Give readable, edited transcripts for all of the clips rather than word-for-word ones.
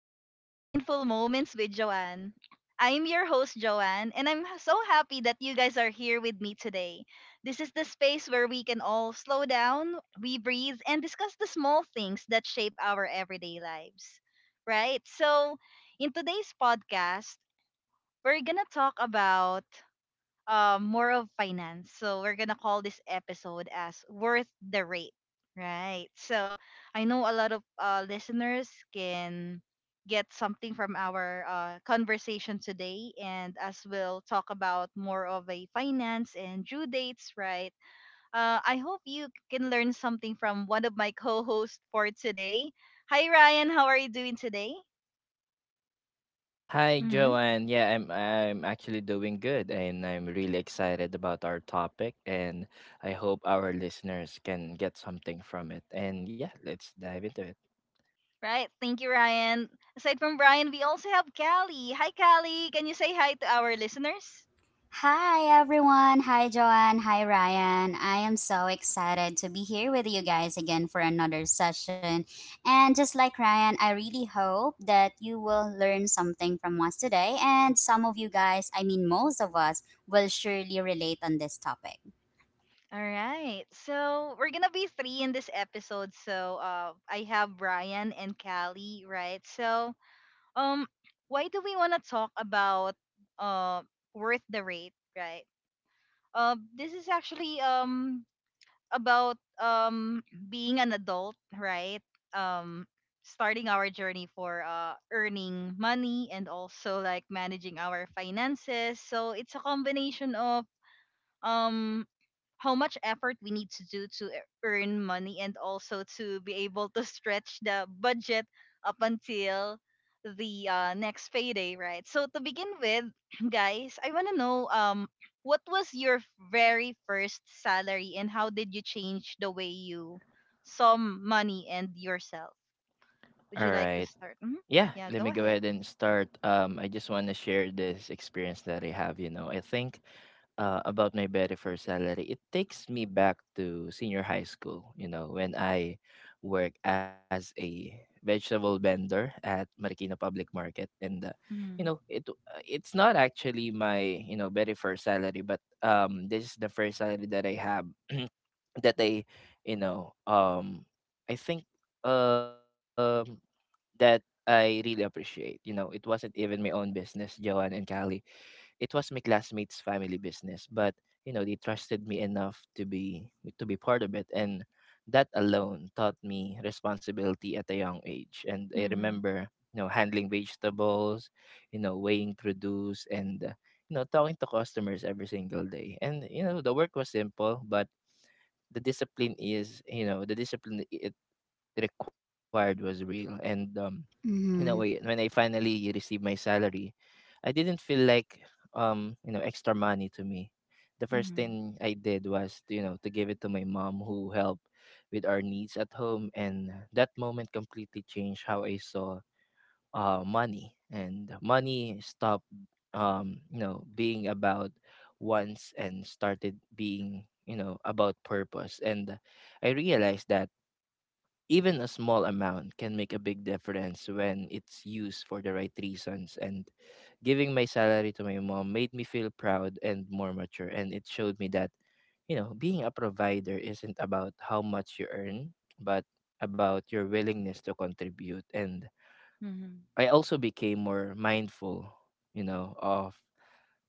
and welcome to Mindful Moments with Joanne. I'm your host, Joanne, and I'm so happy that you guys are here with me today. This is the space where we can all slow down, we breathe, and discuss the small things that shape our everyday lives. Right? So, in today's podcast, we're gonna talk about more of finance. So we're gonna call this episode as worth the rate. Right. So I know a lot of listeners can get something from our conversation today, and as we'll talk about more of a finance and due dates, right, I hope you can learn something from one of my co-hosts for today. Hi Ryan, how are you doing today? Hi, Mm-hmm. Joanne. Yeah, I'm actually doing good and I'm really excited about our topic, and I hope our listeners can get something from it. And yeah, let's dive into it. Right. Thank you, Ryan. Aside from Brian, we also have Callie. Hi, Callie. Can you say hi to our listeners? Hi everyone. Hi Joanne. Hi Ryan. I am so excited to be here with you guys again for another session. And just like Ryan, I really hope that you will learn something from us today and some of you guys, I mean most of us will surely relate on this topic. All right. So we're gonna be three in this episode. So I have Brian and Callie, right? So um, why do we wanna talk about uh worth the rate, right? This is actually about being an adult, right? Um starting our journey for earning money and also like managing our finances. So it's a combination of um how much effort we need to do to earn money and also to be able to stretch the budget up until the next payday, right? So to begin with, guys, I want to know what was your very first salary and how did you change the way you saw money and yourself? Would you All like to right. start? Hmm. Yeah, Yeah, let go me go ahead. ahead and start. I just want to share this experience that I have, you know. I think About my very first salary, it takes me back to senior high school, you know, when I work as a vegetable vendor at Marikina Public Market. And, you Mm-hmm. know, it's not actually my, you know, very first salary, but this is the first salary that I have that I, you know, I think um, that I really appreciate. You know, it wasn't even my own business, Joanne and Callie, it was my classmates' family business, but you know they trusted me enough to be part of it, and that alone taught me responsibility at a young age. And I Mm-hmm. remember, you know, handling vegetables, you know, weighing produce, and you know, talking to customers every single day. And you know, the work was simple, but the discipline is, you know, the discipline it required was real, and you know when Mhm. when I finally received my salary, I didn't feel like you know extra money to me. The first Mm-hmm. thing I did was to, you know, to give it to my mom who helped with our needs at home, and that moment completely changed how I saw money, and money stopped you know being about wants and started being you know about purpose. And I realized that even a small amount can make a big difference when it's used for the right reasons. And giving my salary to my mom made me feel proud and more mature. And it showed me that, you know, being a provider isn't about how much you earn, but about your willingness to contribute. And Mm-hmm. I also became more mindful, you know,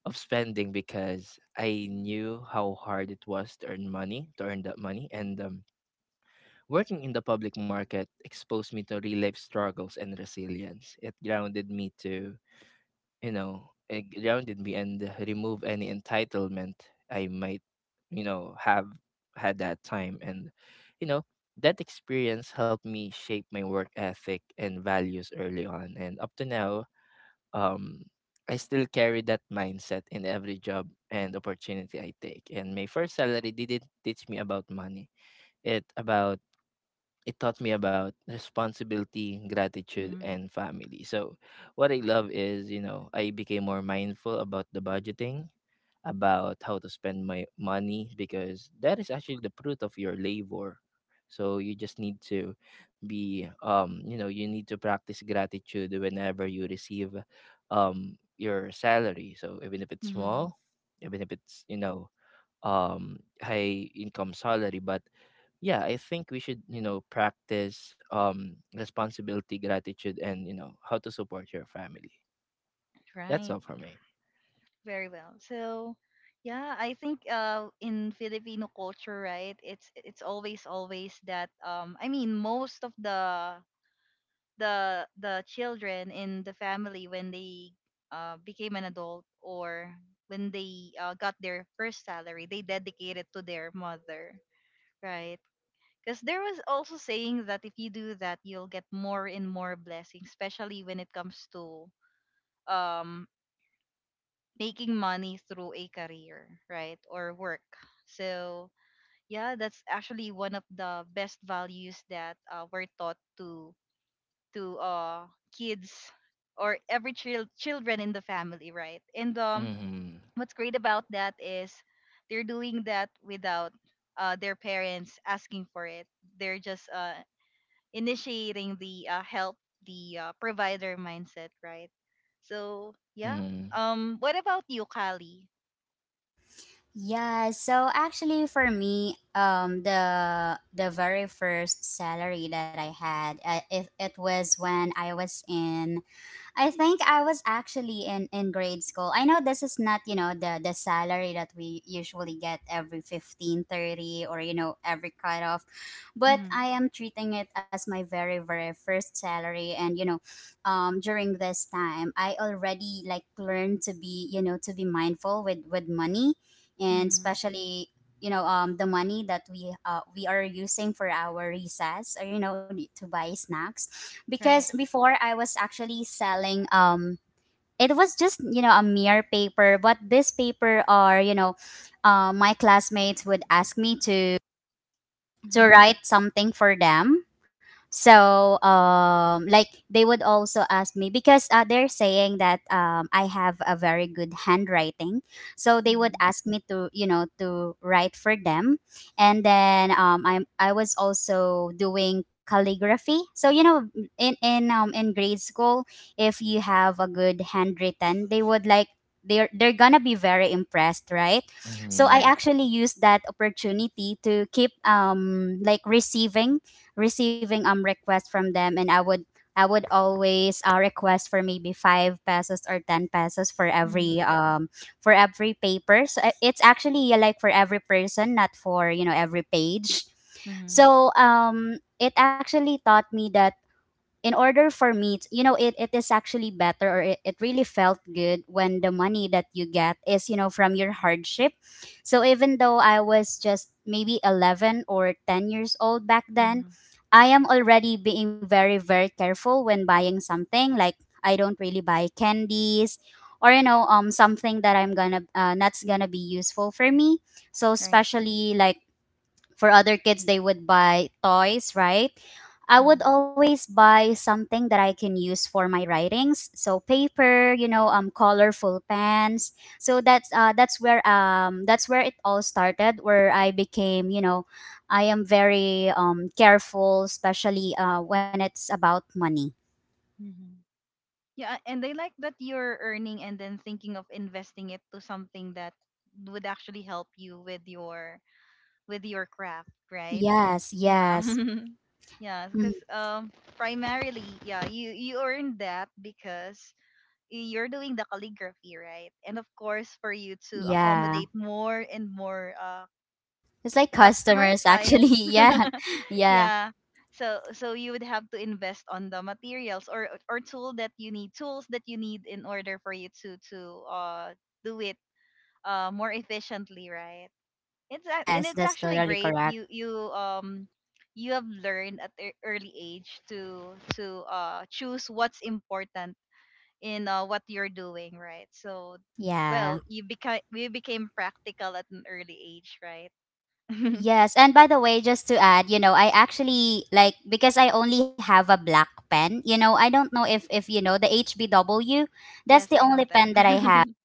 of spending because I knew how hard it was to earn money, to earn that money. And Working in the public market exposed me to real life struggles and resilience. It grounded me to, you know, it grounded me and remove any entitlement I might, you know, have had that time. And, you know, that experience helped me shape my work ethic and values early on. And up to now, um, I still carry that mindset in every job and opportunity I take. And my first salary didn't teach me about money. It about it taught me about responsibility, gratitude, and family. So, what I love is, you know, I became more mindful about the budgeting, about how to spend my money, because that is actually the fruit of your labor. So, you just need to be, you know, you need to practice gratitude whenever you receive your salary. So, even if it's Mm-hmm. small, even if it's, you know, um, high income salary, but yeah, I think we should you know practice responsibility, gratitude, and you know how to support your family. That's all Right. for me. Very well. So, yeah, I think in Filipino culture, right? It's always that I mean most of the the children in the family, when they became an adult, or when they got their first salary, they dedicate it to their mother, right? Because there was also saying that if you do that, you'll get more and more blessings, especially when it comes to um making money through a career, right? Or work. So, yeah, that's actually one of the best values that we're taught to to uh kids or every child children in the family, right? And Mm-hmm. what's great about that is they're doing that without their parents asking for it. They're just initiating the help, the provider mindset, right? So, Mm-hmm. yeah. What about you, Kali? Yeah, so actually for me, the very first salary that I had, it was when I think I was actually in grade school. I know this is not, the salary that we usually get every 15/30 or every cutoff, but Mm-hmm. I am treating it as my very very first salary. During this time, I already like learned to be, to be mindful with money, and Mhm. especially the money that we are using for our recess or to buy snacks, because Right. before I was actually selling. It was just a mere paper, but this paper are, my classmates would ask me to Mhm. write something for them. So, like, they would also ask me because they're saying that I have a very good handwriting. So they would Mhm. ask me to write for them. And then I was also doing calligraphy. So in grade school, if you have a good handwritten, they would like they're gonna be very impressed, right? So Mm-hmm. I Correct. actually used that opportunity to keep like receiving requests from them, and I would always request for maybe 5 pesos or 10 pesos for every Mhm. Paper. So it's actually like for every person, not for every page. Mhm. So, it actually taught me that in order for me to, it is actually better, or it really felt good when the money that you get is from your hardship. So even though I was just maybe 11 or 10 years old back then, Mhm. I am already being very very careful when buying something, like, I don't really buy candies or something that I'm gonna that's gonna be useful for me. So Right. especially, like, for other kids they would buy toys, right? I would Mhm. always buy something that I can use for my writings, so paper, colorful pens. So that's where it all started, where I became you know I am very careful, especially when it's about money. Mhm. Yeah, and they like that you're earning and then thinking of investing it to something that would actually help you with your craft, right? Yes, Yeah. yes. Yeah, Mm, because primarily, yeah, you earn that because you're doing the calligraphy, right? And of course, for you to yeah. accommodate more and more It's like customer customers actually. clients. Yeah. Yeah. Yeah. So so you would have to invest on the materials or tool that you need, tools that you need in order for you to do it more efficiently, right? It's ac- and Yes, it's that's actually totally great. correct. You you have learned at an early age to choose what's important in what you're doing, right? So Yeah. well, you became practical at an early age, right? Yes, and by the way, just to add, I actually like, because I only have a black pen. I don't know if you know the HBW. That's Yes, the I only know pen that I have. that.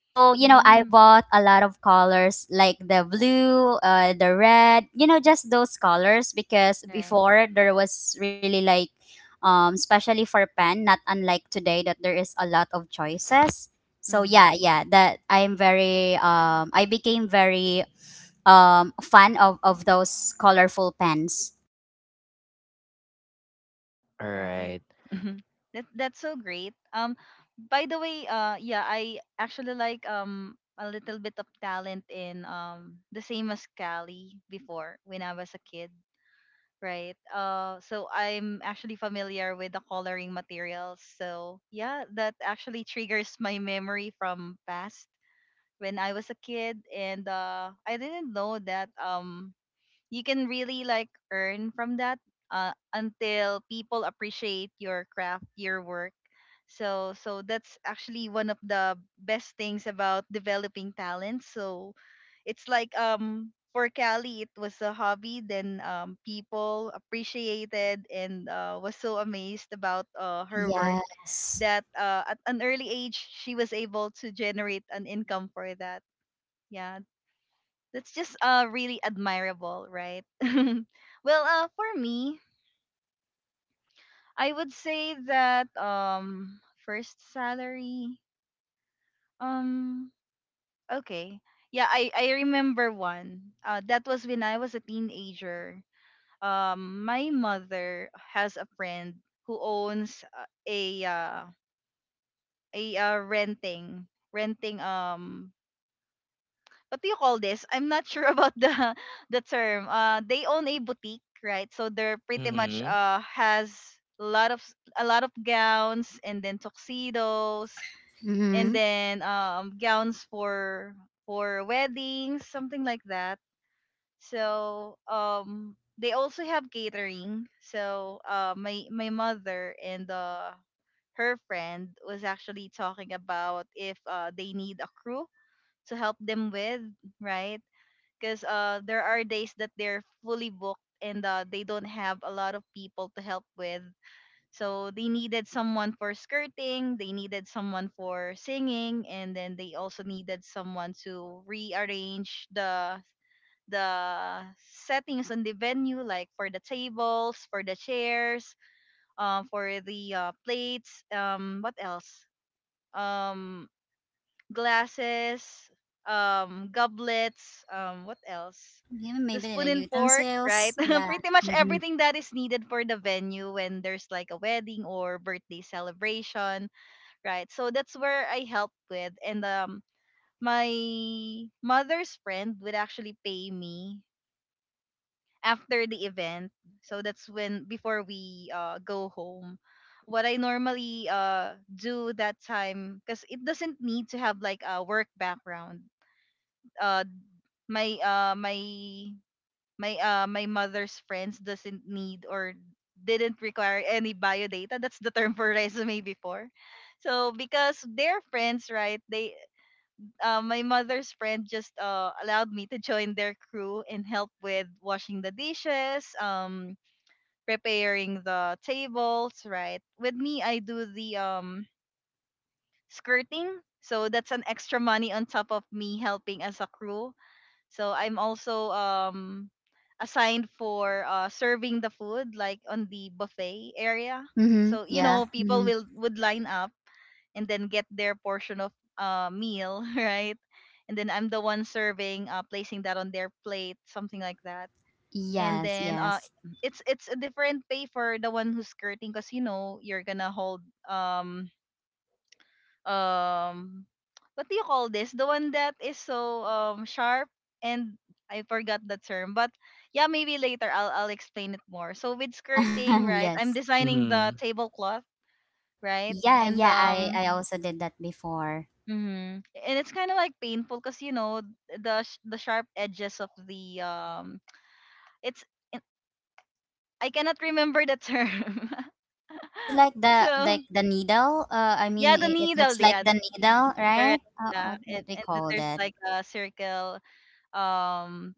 So, I Mm, bought a lot of colors like the blue, the red, just those colors, because right. before there was really like, especially for pen, not unlike today that there is a lot of choices. So Mm-hmm. yeah, yeah, I became very, fan of those colorful pens. All Right? right. Hmm. That that's so great. By the way, yeah, I actually like a little bit of talent in the same as Cali before when I was a kid, right? So I'm actually familiar with the coloring materials. So yeah, that actually triggers my memory from past when I was a kid, and I didn't know that you can really like earn from that until people appreciate your craft, your work. So so that's actually one of the best things about developing talent. So it's like for Cali it was a hobby, then people appreciated and was so amazed about her work, Yes. that at an early age she was able to generate an income for that. Yeah, that's just really admirable, right? Well, for me, I would say that first salary, um okay. Yeah, I remember one. Uh, that was when I was a teenager. Um, my mother has a friend who owns a a uh, renting renting what do you call this? I'm not sure about the the term. They own a boutique, right? So they're pretty much Mm-hmm. Has a lot of a lot of gowns and then tuxedos and Mm-hmm. then gowns for weddings, something like that. So they also have catering. So my mother and her friend was actually talking about if they need a crew to help them with, right? Because there are days that they're fully booked and they don't have a lot of people to help with. So they needed someone for skirting, they needed someone for singing, and then they also needed someone to rearrange the the settings on the venue, like for the tables, for the chairs, for the plates, what else, um glasses, goblets, what else? Yeah, The maybe spoon the and fork, right? utensils. Yeah. Pretty much Mm-hmm. everything that is needed for the venue when there's like a wedding or birthday celebration, right? So that's where I help with, and my mother's friend would actually pay me after the event. So that's when before we go home what I normally do that time, because it doesn't need to have like a work background. uh my uh my my mother's friends doesn't need or didn't require any bio data. That's the term for resume before. So because they're friends, right? They my mother's friend just allowed me to join their crew and help with washing the dishes, preparing the tables, right? With me, I do the skirting. So that's an extra money on top of me helping as a crew. So I'm also assigned for serving the food like on the buffet area. Mm-hmm. So you Yeah. know people Mm-hmm. will would line up and then get their portion of meal, right? And then I'm the one serving, placing that on their plate, something like that. And Yes, then yes. it's a different pay for the one who's skirting because you know you're gonna hold um um what do you call this? The one that is so sharp, and I forgot the term, but yeah, maybe later I'll explain it more. So with skirting, right? Yes. I'm designing the Mm-hmm. tablecloth, right? Yeah, And yeah, I I also did that before. mhm. And it's kind of like painful because you know the the sharp edges of the it's, I cannot remember the term. It's like the So needle. I yeah, mean, the it needle, looks like yeah, the needle, right? correct, yeah, what we and then call there's that? like a circle, um,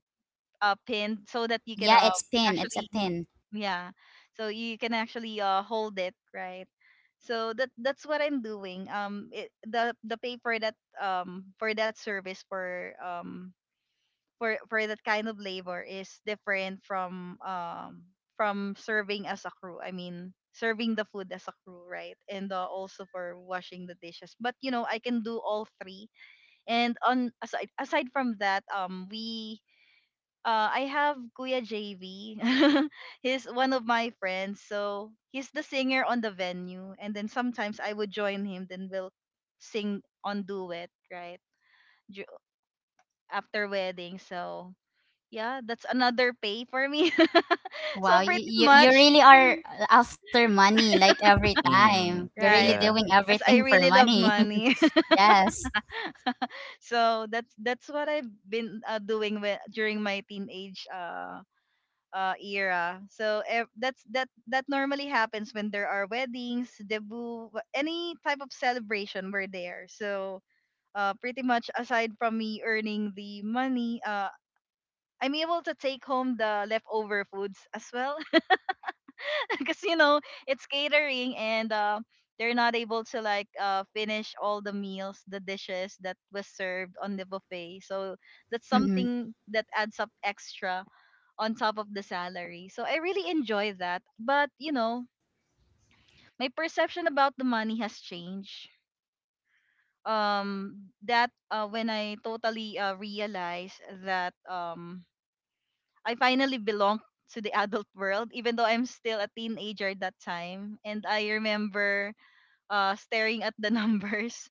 pinned so that you can Yeah, it's pin. It's a actually, pin. yeah, so you can actually hold it, right? So that that's what I'm doing. Um, it, the pay for that, for that service, for for that kind of labor is different from serving as a crew, I mean serving the food as a crew, right? And also for washing the dishes, but you know I can do all three. And on, aside from that, we I have Kuya JV. He's one of my friends. So he's the singer on the venue. And then sometimes I would join him, then we'll sing on duet, right? Ju- After wedding. So yeah, that's another pay for me. So Wow, you, pretty you you much, really are after money like every time. Mm-hmm. You're really right? doing Yeah. Because everything I for really love money. money. Yes. So that's what I've been doing when, during my teenage era. So that's that that normally happens when there are weddings, debut, any type of celebration. We're there. So pretty much aside from me earning the money, I'm able to take home the leftover foods as well, because you know it's catering and. They're not able to like finish all the meals, the dishes that was served on the buffet. So that's Hmm. something that adds up extra on top of the salary. So I really enjoy that. But you know, my perception about the money has changed. That When I totally realized that I finally belong to the adult world, even though I'm still a teenager at that time. And I remember staring at the numbers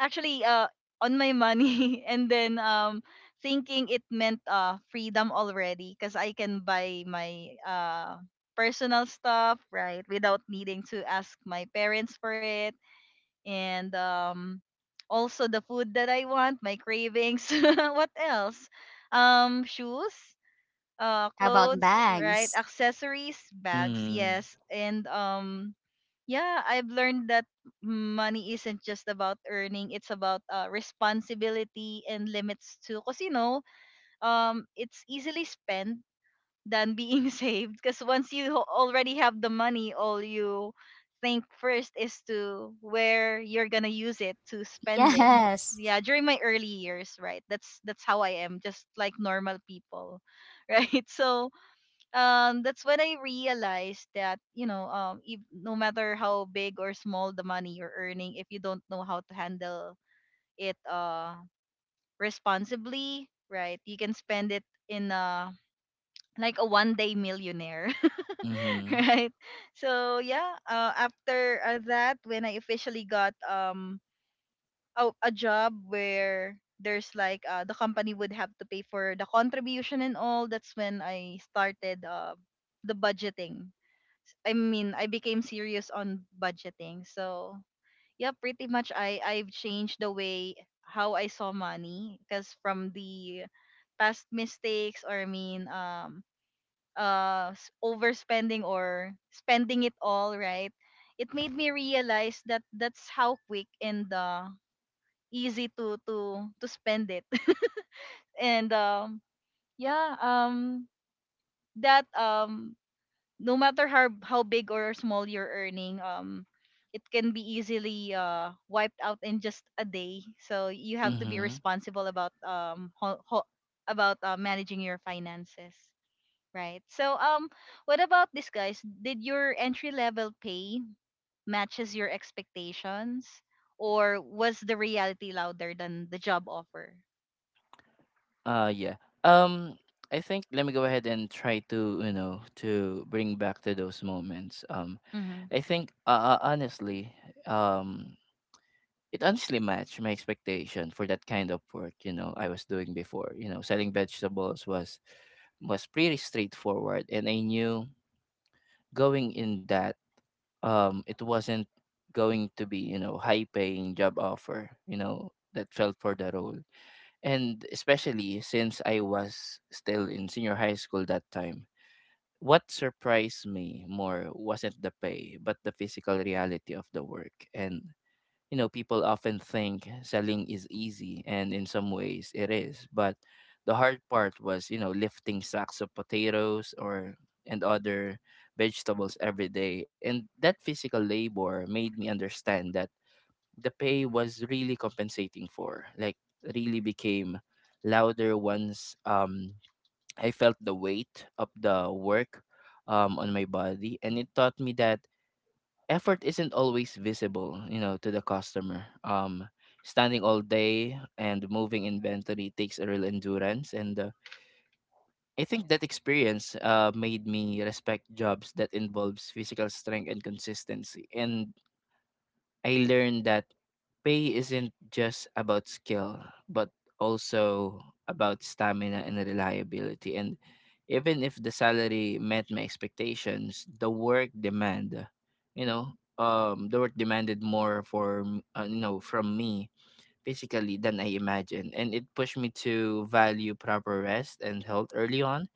actually on my money and then thinking it meant freedom already, because I can buy my personal stuff, right, without needing to ask my parents for it. And also the food that I want, my cravings, what else, shoes, How about clothes, right, bags? accessories, bags, Mm-hmm. yes. and Yeah, I've learned that money isn't just about earning, it's about responsibility and limits too. Because, you know, it's easily spent than being saved. Because once you already have the money, all you think first is to where you're going to use it, to spend it. Yes. Yeah, during my early years, right? That's how I am, just like normal people, right? So, that's when I realized that, you know, if, no matter how big or small the money you're earning, if you don't know how to handle it responsibly, right, you can spend it in like a one day millionaire Mm-hmm. right. So yeah, after that, when I officially got a job where there's like the company would have to pay for the contribution and all, that's when I started the budgeting. I mean, I became serious on budgeting. So, yeah, pretty much I've changed the way how I saw money, because from the past mistakes, or overspending or spending it all, right? It made me realize that that's how quick and easy to spend it. And yeah, that no matter how big or small you're earning, it can be easily wiped out in just a day. So you have to be Mm-hmm. responsible about managing your finances, right? So, what about this, guys? Did your entry level pay matches your expectations, or was the reality louder than the job offer? uh yeah um I think let me go ahead and try to, you know, to bring back to those moments. Mm-hmm. I think Honestly, um, it honestly matched my expectation for that kind of work. You know, I was doing before, you know, selling vegetables was pretty straightforward, and I knew going in that it wasn't going to be you know high paying job offer you know that felt for the role, and especially since I was still in senior high school that time. What surprised me more wasn't the pay but the physical reality of the work. And you know, people often think selling is easy, and in some ways it is. But the hard part was, you know, lifting sacks of potatoes or and other vegetables every day. And that physical labor made me understand that the pay was really compensating for, like, really became louder once I felt the weight of the work on my body, and it taught me that effort isn't always visible, you know, to the customer. Standing all day and moving inventory takes a real endurance, and I think that experience made me respect jobs that involves physical strength and consistency. And I learned that pay isn't just about skill, but also about stamina and reliability. And even if the salary met my expectations, the work demand, you know, the work demanded more for you know from me physically than I imagined, and it pushed me to value proper rest and health early on.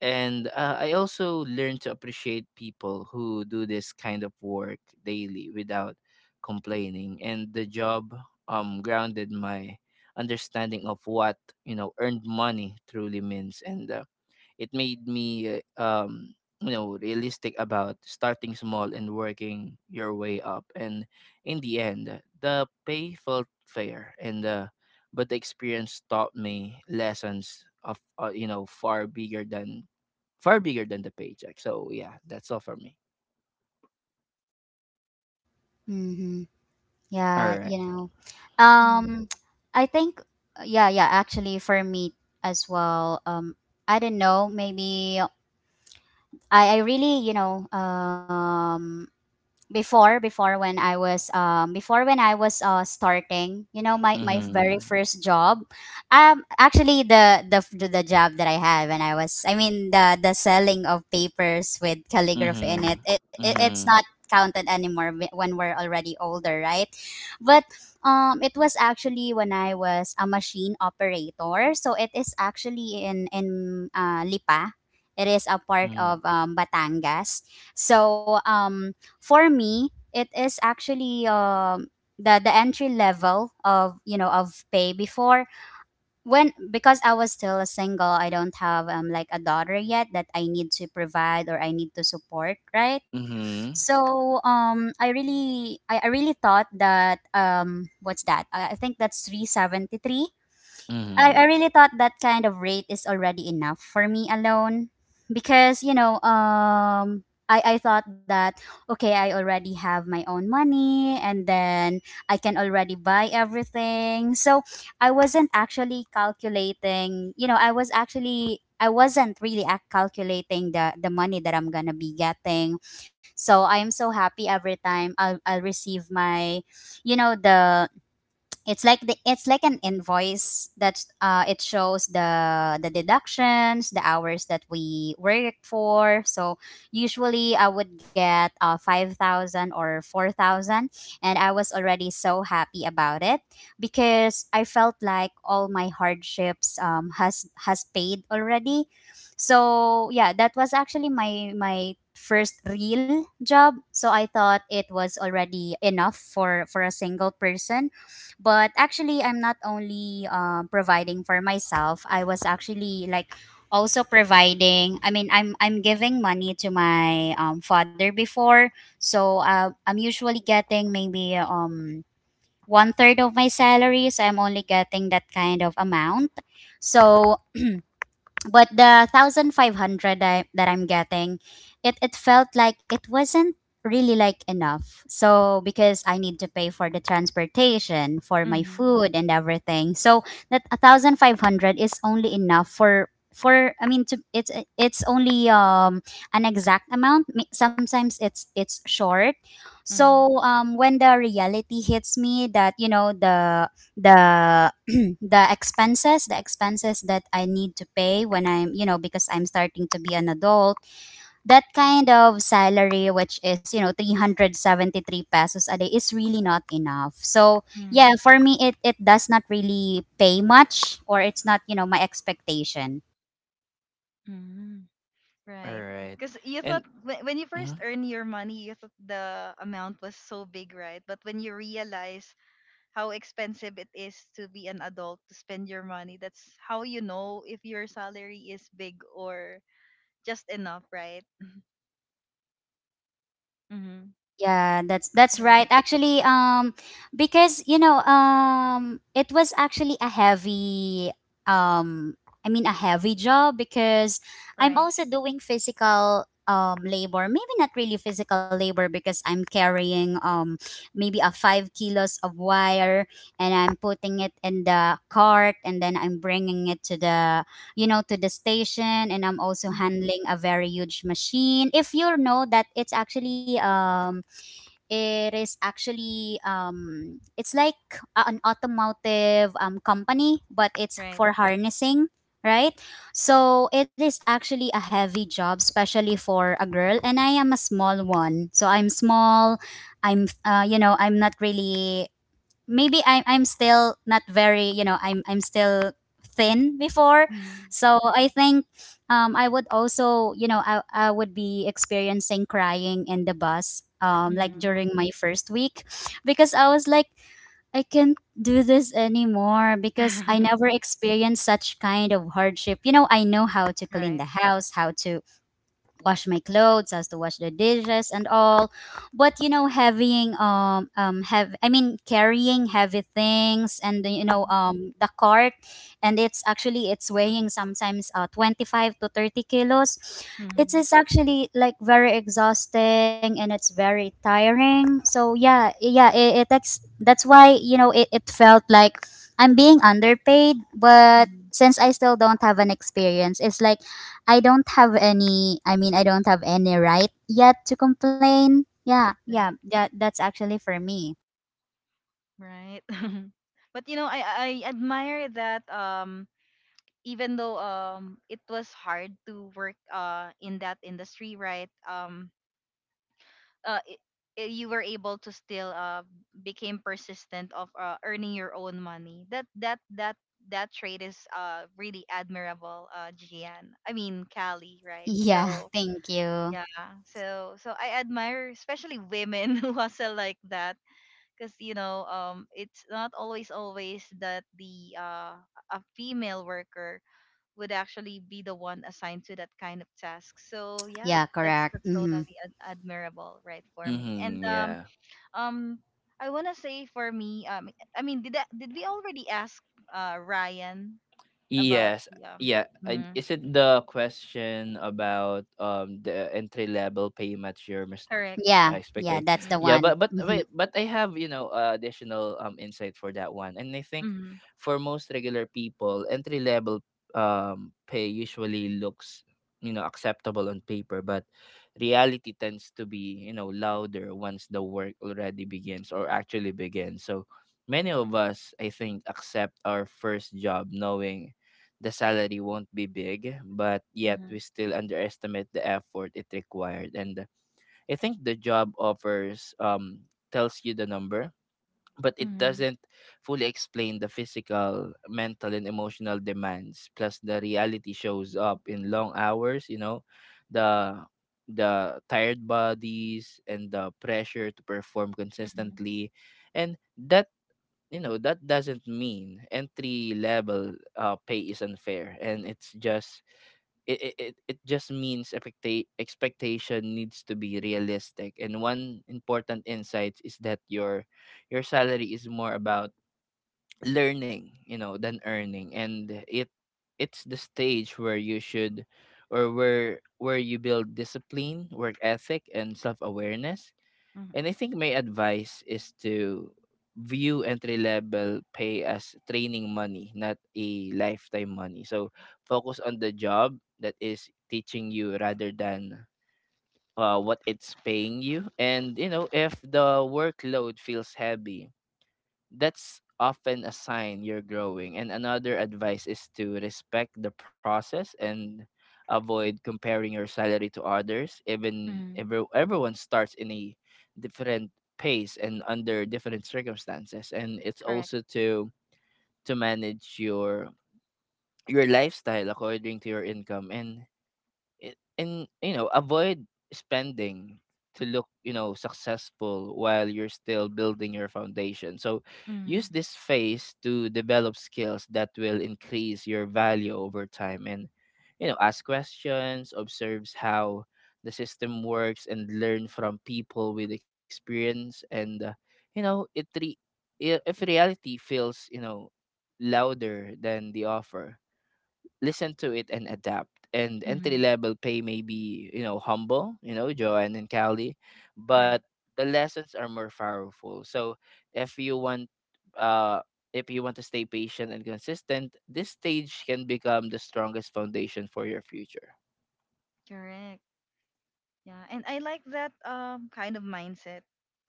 And I also learned to appreciate people who do this kind of work daily without complaining. And the job grounded my understanding of what you know earned money truly means, and it made me you know realistic about starting small and working your way up. And in the end, the pay felt fair, and but the experience taught me lessons of you know far bigger than the paycheck. So yeah, that's all for me. Mm-hmm. All Yeah, you right. know. Hmm. Um I think yeah, yeah, actually for me as well. I don't know, maybe I really, before before when I was before when I was starting, my very Mhm. first job. Actually, the job that I had, when I was I mean, the selling of papers with calligraphy in it. Mhm. It's not Mhm. counted anymore when we're already older, right? But it was actually when I was a machine operator. So it is actually in Lipa. It is a part Mhm. of Batangas. So for me, it is actually the entry level of of pay before, when, because I was still a single, I don't have like a daughter yet that I need to provide or I need to support, right? Mhm. So I really thought that what's that, I think that's 373. I Mhm. really thought that kind of rate is already enough for me alone, because I thought that, okay, I already have my own money, and then I can already buy everything. So I wasn't actually calculating, I wasn't really calculating the money that I'm gonna be getting. So I am so happy every time I'll receive my you know the it's like an invoice that it shows the deductions, the hours that we work for. So usually I would get 5,000 or 4,000, and I was already so happy about it, because I felt like all my hardships, has paid already. So yeah, that was actually my first real job, so I thought it was already enough for a single person. But actually I'm not only providing for myself, I was actually like also providing, I mean, I'm giving money to my father before. So I'm usually getting maybe one third of my salary, so I'm only getting that kind of amount. So, but the 1,500, that I'm getting, it felt like it wasn't really like enough, so because I need to pay for the transportation, for my Hmm. food and everything. So that 1,500 is only enough for, I mean, it's only an exact amount. Sometimes it's short. So when the reality hits me that, the the expenses that I need to pay when I'm, because I'm starting to be an adult, that kind of salary, which is 373 pesos a day, is really not enough. So yeah, Hmm. for me it does not really pay much, or it's not, you know, my expectation. Hmm. All Right. right. Because you thought And when you first mhm. earn your money, you thought the amount was so big, right? But when you realize how expensive it is to be an adult, to spend your money, that's how you know if your salary is big or just enough, right? Mm-hmm. Yeah, that's right. Right. Actually, because, it was actually a um, I mean, a heavy job, because I'm Right. also doing physical labor. Maybe not really physical labor, because I'm carrying maybe a 5 kilos of wire, and I'm putting it in the cart, and then I'm bringing it to the station, and I'm also Mm-hmm. handling a very huge machine. If you know that it is actually it's like an automotive company, but it's Right. for harnessing, right? So it is actually a heavy job, especially for a girl, and I am a small one. So I'm small. I'm you know I'm not really, maybe I'm still not very, I'm still thin before. Mm-hmm. So I think I would also, I would be experiencing crying in the bus, like during my first week, because I was like, I can't do this anymore, because I Mm-hmm. never experienced such kind of hardship. You know, I know how to clean right. the house, how to wash my clothes, has to wash the dishes and all. But having have I mean, carrying heavy things, and the you know Mm-hmm. The cart, and it's weighing sometimes 25 to 30 kilos. Mm-hmm. It is actually like very exhausting, and it's very tiring. So yeah, yeah, that's why, it felt like I'm being underpaid, but Mm-hmm. since I still don't have an experience, it's like I mean, I don't have any right yet to complain. Yeah, yeah, Right. that's actually for me. Right. But you know, I admire that, even though it was hard to work in that industry, right, uh i you were able to still became persistent of earning your own money. That that trait is really admirable, Gian, I mean Callie, right? Yeah, So thank you. yeah, so so I admire especially women who hustle like that, because you know it's not always that the a female worker would actually be the one assigned to that kind of task. So yeah, Yeah, correct. that's Mhm. totally ad- admirable, right, for me. And Mhm. um Yeah. um I wanna say for me, I mean, did that, did we already ask Ryan about Yes. the Yeah. Mhm, Is it the question about the entry level payment correct. Yeah, yeah, expecting? that's the Mm-hmm. Yeah, one. But Mhm. wait, but I have you know additional insight for that one, and I think Mm-hmm. for most regular people, entry level pay usually looks you know acceptable on paper, but reality tends to be you know louder once the work already begins or actually begins. So many of us, I think, accept our first job knowing the salary won't be big, but yet we still underestimate the effort it required. And I think the job offers tells you the number, but it Mm-hmm. doesn't fully explain the physical, mental, and emotional demands. Plus, the reality shows up in long hours. You know, the the tired bodies and the pressure to perform Mm-hmm. consistently, and that you know that doesn't mean entry level pay is unfair, and it's just it just means expectation needs to be realistic. And one important insight is that your salary is more about learning you know than earning, and it's the stage where you should or where you build discipline, work ethic, and self-awareness. And I think my advice is to view entry level pay as training money, not a lifetime money. So focus on the job that is teaching you rather than what it's paying you. And, you know, if the workload feels heavy, that's often a sign you're growing. And another advice is to respect the process and avoid comparing your salary to others. Even Mm-hmm. every, everyone starts in a different pace and under different circumstances. And it's Correct. also to manage your lifestyle according to your income, and and you know avoid spending to look you know successful while you're still building your foundation. So Mm-hmm. use this phase to develop skills that will increase your value over time, and you know, ask questions, observes how the system works, and learn from people with experience. And you know if reality feels you know louder than the offer, listen to it and adapt. And Mm-hmm. entry level pay may be, you know, humble, you know, Joanne and Callie, but Right. the lessons are more powerful. So if you want uh to stay patient and consistent, this stage can become the strongest foundation for your future. Correct. Yeah. And I like that kind of mindset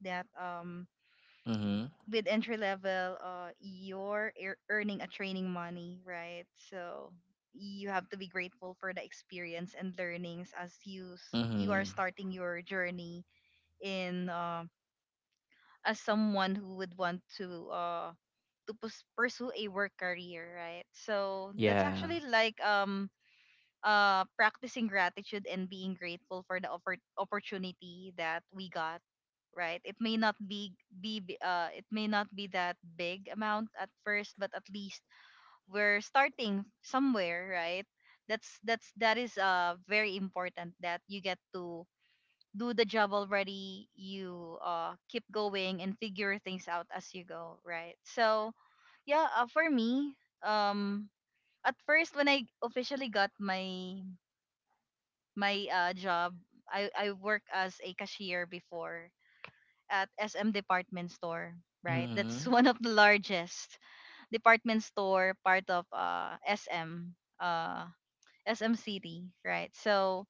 that, Mm-hmm. with entry level, you're ear- earning a training money, right? So you have to be grateful for the experience and learnings as you are Mm-hmm. starting your journey in as someone who would want to pursue a work career, right? So that's Yeah. actually like practicing gratitude and being grateful for the oppor- opportunity that we got, right. It may not it may not be that big amount at first, but at least we're starting somewhere, right? That's that is very important, that you get to do the job already. You keep going and figure things out as you go, right? So yeah, for me, um at first when I officially got my job. I work as a cashier before at SM department store, right? That's one Mm-hmm. of the largest department store, part of SM, uh SM City, right? So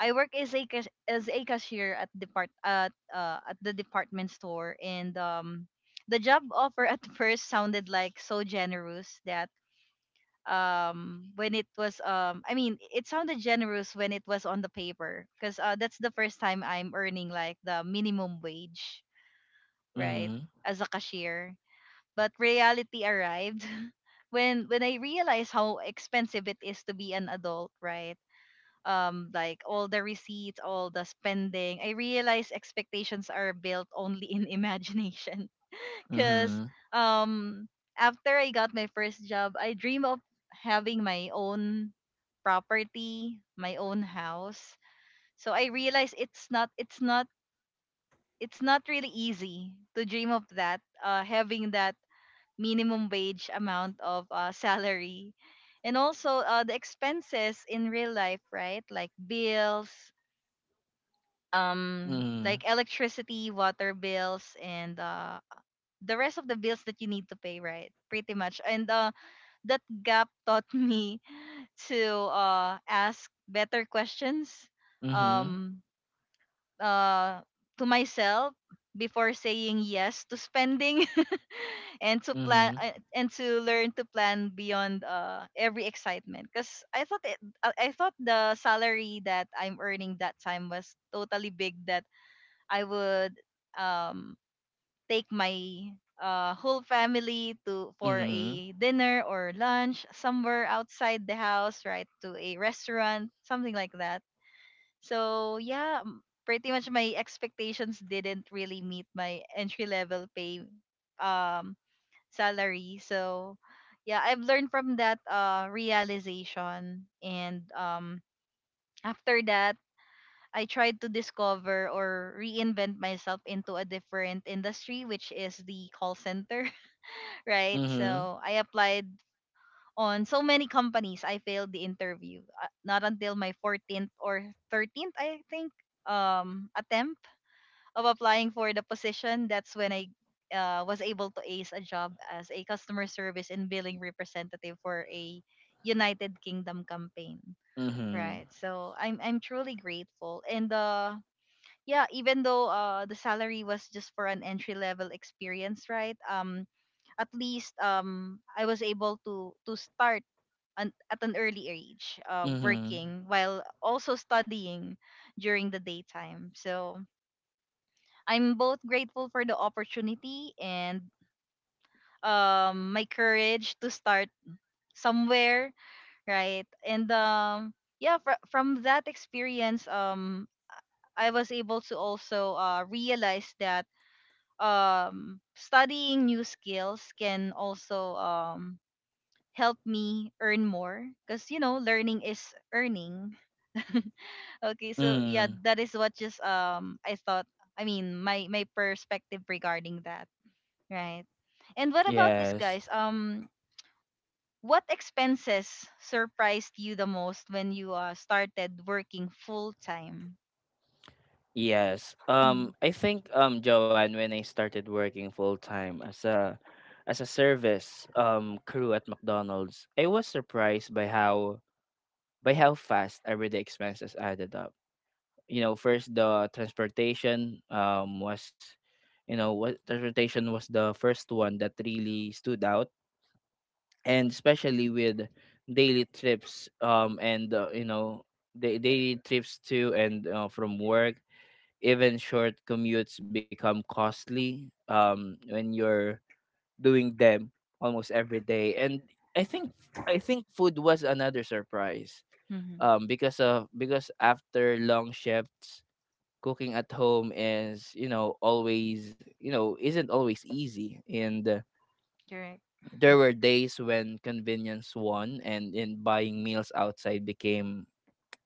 I work as a cashier at depart at the department store. And the job offer at first sounded like so generous. That when it was I mean it sounded generous when it was on the paper, because that's the first time I'm earning like the minimum wage, right, Mm-hmm. as a cashier. But reality arrived when I realized how expensive it is to be an adult, right? Like all the receipts, all the spending, I realized expectations are built only in imagination. Because Mm-hmm. um after I got my first job, I dream of having my own property, my own house. So I realized it's not really easy to dream of that, having that minimum wage amount of salary, and also the expenses in real life, right? Like bills, like electricity, water bills, and the rest of the bills that you need to pay, right? Pretty much. And That gap taught me to ask better questions, Mm-hmm. um, uh, to myself before saying yes to spending. And to Mm-hmm. plan, Mm-hmm. and to learn to plan beyond every excitement. Because I thought the salary that I'm earning that time was totally big, that I would um take my whole family to for a Mm-hmm. dinner or lunch somewhere outside the house, right? To a restaurant, something like that. So yeah, m- pretty much my expectations didn't really meet my entry level pay um salary. So yeah, I've learned from that realization. And after that, I tried to discover or reinvent myself into a different industry, which is the call center, right? Mm-hmm. So I applied on so many companies. I failed the interview. Not until my 14th or 13th, I think, attempt of applying for the position. That's when I was able to ace a job as a customer service and billing representative for a United Kingdom campaign. Mm-hmm. Right. So I'm truly grateful. And yeah, even though the salary was just for an entry level experience, right? At least I was able to start at an early age, Mm-hmm. working while also studying during the daytime. So I'm both grateful for the opportunity and my courage to start somewhere, right? And yeah, fr- from that experience, I was able to also realize that, studying new skills can also help me earn more. Because you know, learning is earning. Okay, so yeah, Mm-hmm. that is what just I thought, I mean my my perspective regarding that, right? And what about this, Yes. guys? What expenses surprised you the most when you started working full time? Yes. Mm-hmm. I think Joanne, when I started working full time as a service crew at McDonald's, I was surprised by how fast everyday expenses added up. You know, first the transportation was what transportation was the first one that really stood out, and especially with daily trips the daily trips to and from work. Even short commutes become costly when you're doing them almost every day. And i think I think food was another surprise, because after long shifts cooking at home is you know always you know isn't always easy. And Correct. there were days when convenience won and in buying meals outside became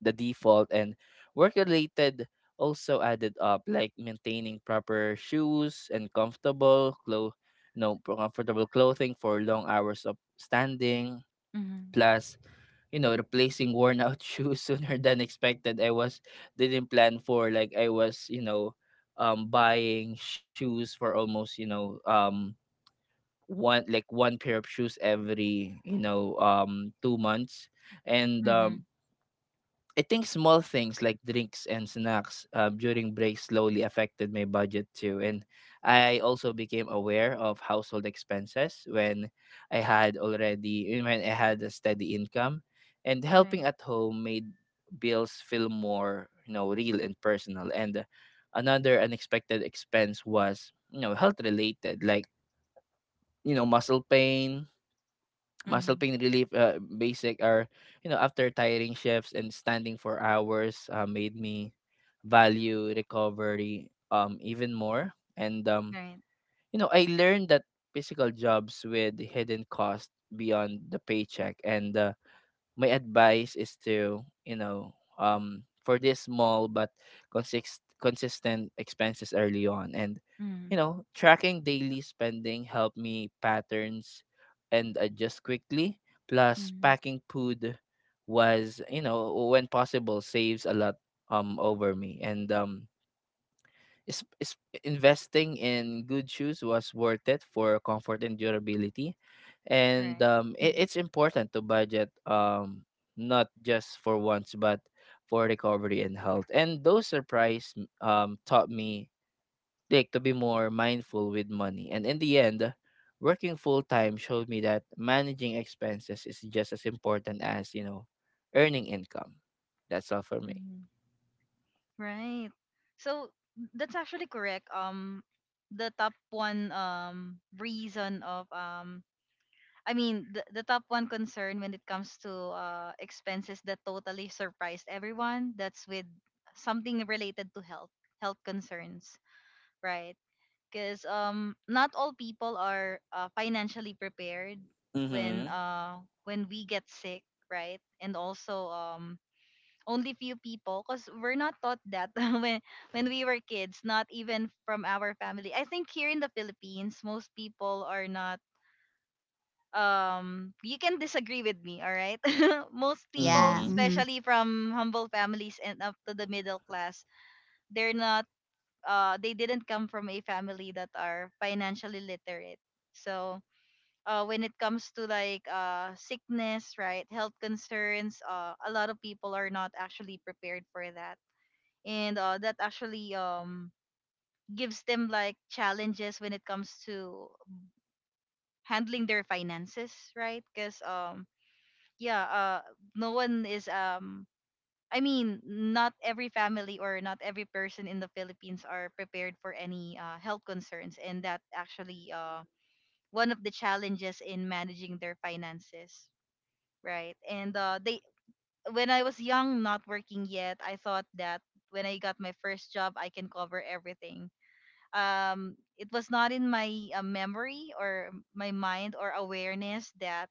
the default. And work related also added up, like maintaining proper shoes and comfortable clo- you know pro- comfortable clothing for long hours of standing, Mm-hmm. plus replacing worn out shoes sooner than expected. I was Didn't plan for, like, I was you know buying shoes for almost one, like one pair of shoes every 2 months. And Mm-hmm. I think small things like drinks and snacks during breaks slowly affected my budget too. And I also became aware of household expenses when I had already, when I had a steady income. And Right. helping at home made bills feel more, real and personal. And another unexpected expense was, health related, like, you know, muscle pain, muscle Mm-hmm. pain relief, basic are, after tiring shifts and standing for hours, made me value recovery even more. And Right. You know, I learned that physical jobs with hidden cost beyond the paycheck. And my advice is to, for this small but consistent expenses early on. And Mm-hmm. Tracking daily spending help me patterns and adjust quickly. Plus Mm-hmm. packing food was, when possible, saves a lot over me. Is investing in good shoes was worth it for comfort and durability. And Correct. Mm-hmm. it's important to budget, not just for once but for recovery and health. And those surprise taught me, like, to be more mindful with money. And in the end, working full time showed me that managing expenses is just as important as, earning income. That's all for me. Mm-hmm. Right. So that's actually correct. The top one reason of the top one concern when it comes to expenses that totally surprised everyone, that's with something related to health, health concerns, right? Because not all people are financially prepared Mm-hmm. When we get sick, right? And also only few people, because we're not taught that when when we were kids, not even from our family. I think here in the Philippines, most people are not you can disagree with me, all right? Most Yeah. people, Mm-hmm. Mhm. especially from humble families and up to the middle class, they're not they didn't come from a family that are financially literate. So when it comes to like sickness, right, health concerns, a lot of people are not actually prepared for that. And That actually gives them like challenges when it comes to handling their finances, right? Because yeah, no one is not every family or not every person in the Philippines are prepared for any health concerns, and that actually one of the challenges in managing their finances, right? and They when I was young, not working yet, I thought that when I got my first job, I can cover everything. It was not in my memory or my mind or awareness that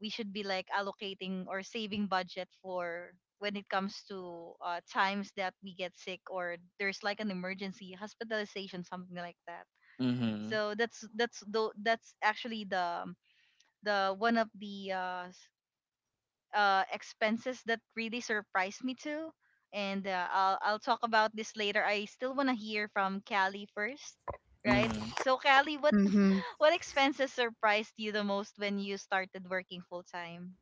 we should be like allocating or saving budget for when it comes to times that we get sick, or there's like an emergency hospitalization, something like that. Mm-hmm. So that's actually the one of the expenses that really surprised me too. And I'll talk about this later. I still want to hear from Callie first, right? Mm-hmm. So Callie, what Mhm. what expenses surprised you the most when you started working full time?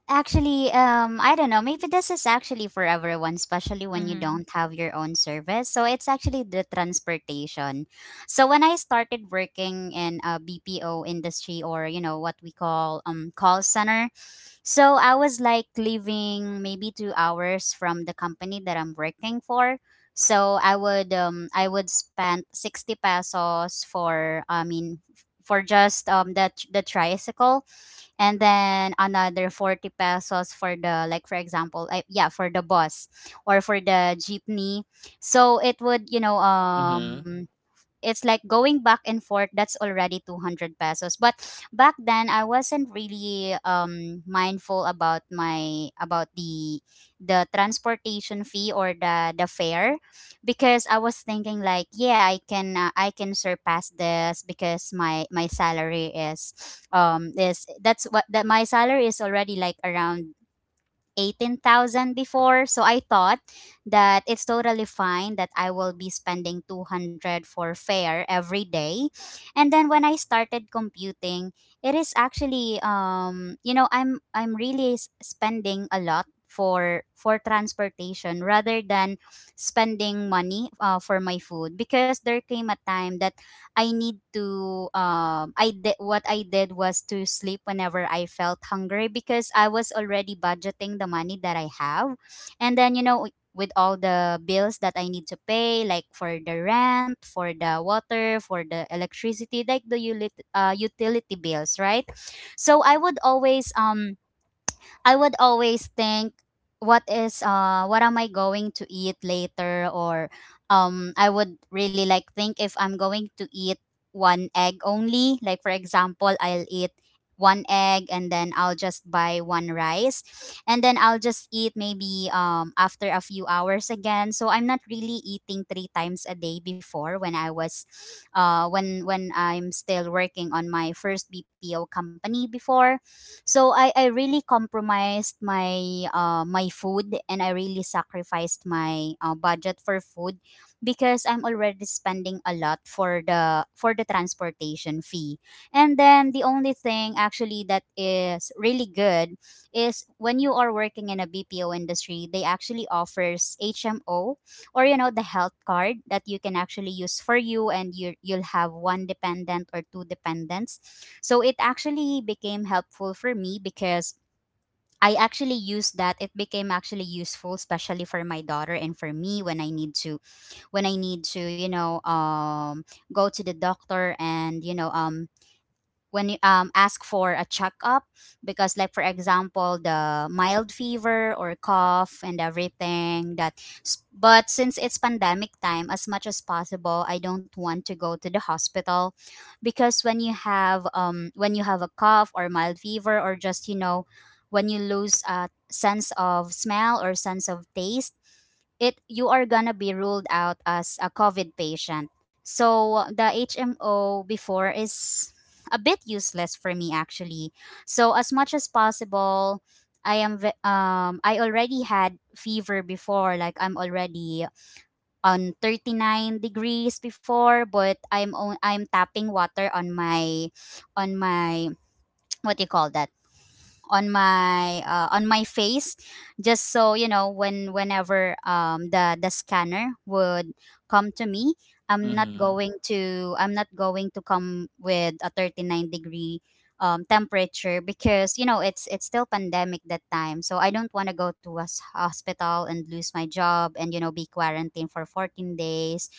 Actually, I don't know. Maybe this is actually for everyone, especially when you Mhm. don't have your own service. So it's actually the transportation. So when I started working in a BPO industry, or you know what we call call center, so I was like leaving maybe 2 hours from the company that I'm working for. So I would I would spend 60 pesos for for just the tricycle, and then another 40 pesos for the, like, for example, like, yeah, for the bus or for the jeepney. So it would, Mhm. It's like going back and forth, that's already 200 pesos. But back then, I wasn't really mindful about my, about the transportation fee or the fare, because I was thinking like, yeah, I can I can surpass this because my salary is, is that's what that my salary is already like around 18,000 before. So I thought that it's totally fine that I will be spending 200 for fare every day. And then when I started computing, it is actually, you know, I'm really spending a lot for transportation rather than spending money for my food, because there came a time that I need to, I did, what I did was to sleep whenever I felt hungry because I was already budgeting the money that I have. And then, you know, with all the bills that I need to pay, like for the rent, for the water, for the electricity, like the utility bills, right? So I would always think, what is what am I going to eat later? Or I would really like think if I'm going to eat one egg only. Like, for example, I'll eat one egg and then I'll just buy one rice, and then I'll just eat maybe after a few hours again. So I'm not really eating three times a day before when I was when I'm still working on my first BPO company before. So I really compromised my my food, and I really sacrificed my budget for food because I'm already spending a lot for the, for the transportation fee. And then the only thing actually that is really good is when you are working in a BPO industry, they actually offers HMO, or you know, the health card that you can actually use for you, and you, you'll have one dependent or two dependents. So it actually became helpful for me because I actually used that. It became actually useful, especially for my daughter and for me, when I need to, when I need to, you know, go to the doctor and, you know, when you ask for a checkup, because like for example, the mild fever or cough and everything that but since it's pandemic time, as much as possible I don't want to go to the hospital, because when you have a cough or mild fever, or just, you know, when you lose a sense of smell or sense of taste, it, you are gonna be ruled out as a COVID patient. So the HMO before is a bit useless for me, actually. So as much as possible, I already had fever before, like I'm already on 39 degrees before, but I'm on, I'm tapping water on my, on my what do you call that? On my on my face, just so you know, when whenever the scanner would come to me, I'm not Mhm. going to, I'm not going to come with a 39 degree temperature, because, you know, it's still pandemic that time, so I don't want to go to a hospital and lose my job and, you know, be quarantined for 14 days.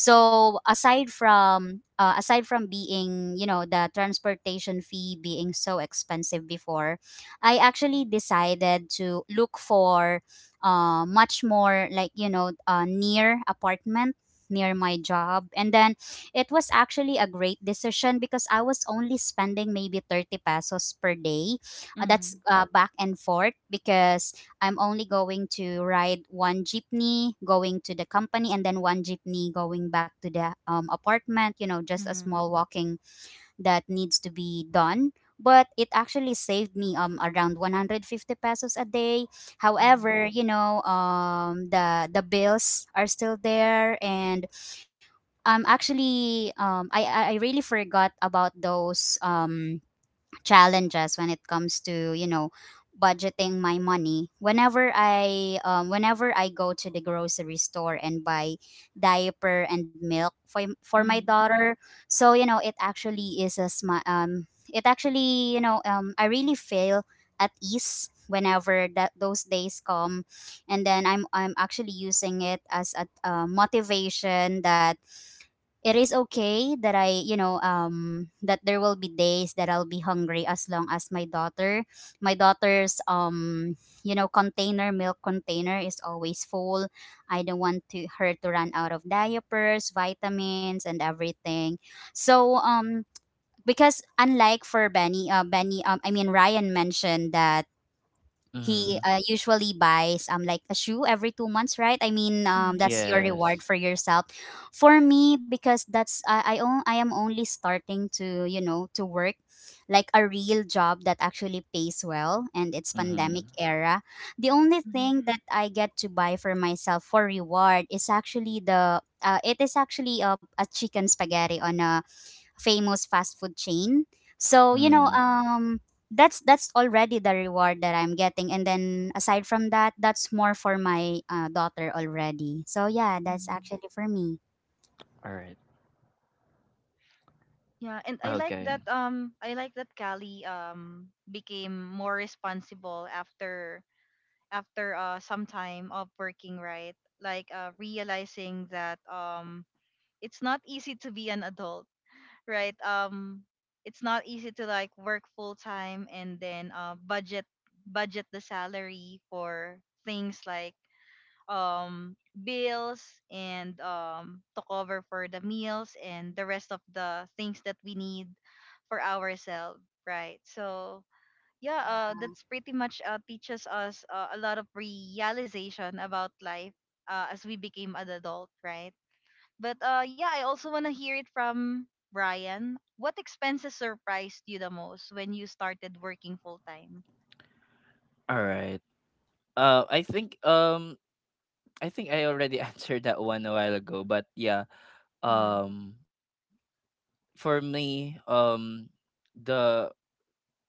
So aside from being, you know, the transportation fee being so expensive before, I actually decided to look for much more like, you know, near apartment near my job. And then it was actually a great decision because I was only spending maybe 30 pesos per day, that's Mhm. Back and forth, because I'm only going to ride one jeepney going to the company and then one jeepney going back to the apartment, you know, just a Mhm. small walking that needs to be done. But it actually saved me around 150 pesos a day. Mhm. However, you know, the bills are still there. And actually, I really forgot about those challenges when it comes to, you know, budgeting my money, whenever I whenever I go to the grocery store and buy diaper and milk for my Mhm. daughter. So you know, it actually is a it actually, you know, I really feel at ease whenever that those days come. And then I'm, I'm actually using it as a motivation that it is okay that I, you know, that there will be days that I'll be hungry, as long as my daughter, my daughter's, you know, container, milk container is always full. I don't want to her to run out of diapers, vitamins, and everything. So, because unlike for Benny, Benny, I mean Ryan mentioned that he Mhm. Usually buys like a shoe every 2 months, right? I mean, Mhm. that's your reward Yes. for yourself. For me, because that's I am only starting to, you know, to work like a real job that actually pays well, and it's pandemic Mhm. era. The only Mhm. thing that I get to buy for myself for reward is actually the it is actually a chicken spaghetti on a famous fast food chain. So you know, Mm. That's already the reward that I'm getting. And then aside from that, that's more for my daughter already. So yeah, that's Mhm. actually for me. Alright. Yeah, and Okay. I like that Callie became more responsible after after some time of working, right? Like realizing that it's not easy to be an adult, right? It's not easy to like work full time and then budget the salary for things like um bills and to cover for the meals and the rest of the things that we need for ourselves, right? So yeah, Yeah. that's pretty much teaches us a lot of realization about life as we became an adult, right? But yeah, I also want to hear it from Brian. What expenses surprised you the most when you started working full time? Alright. I think, I think I already answered that one a while ago, but yeah. Hmm. Um, for me, the,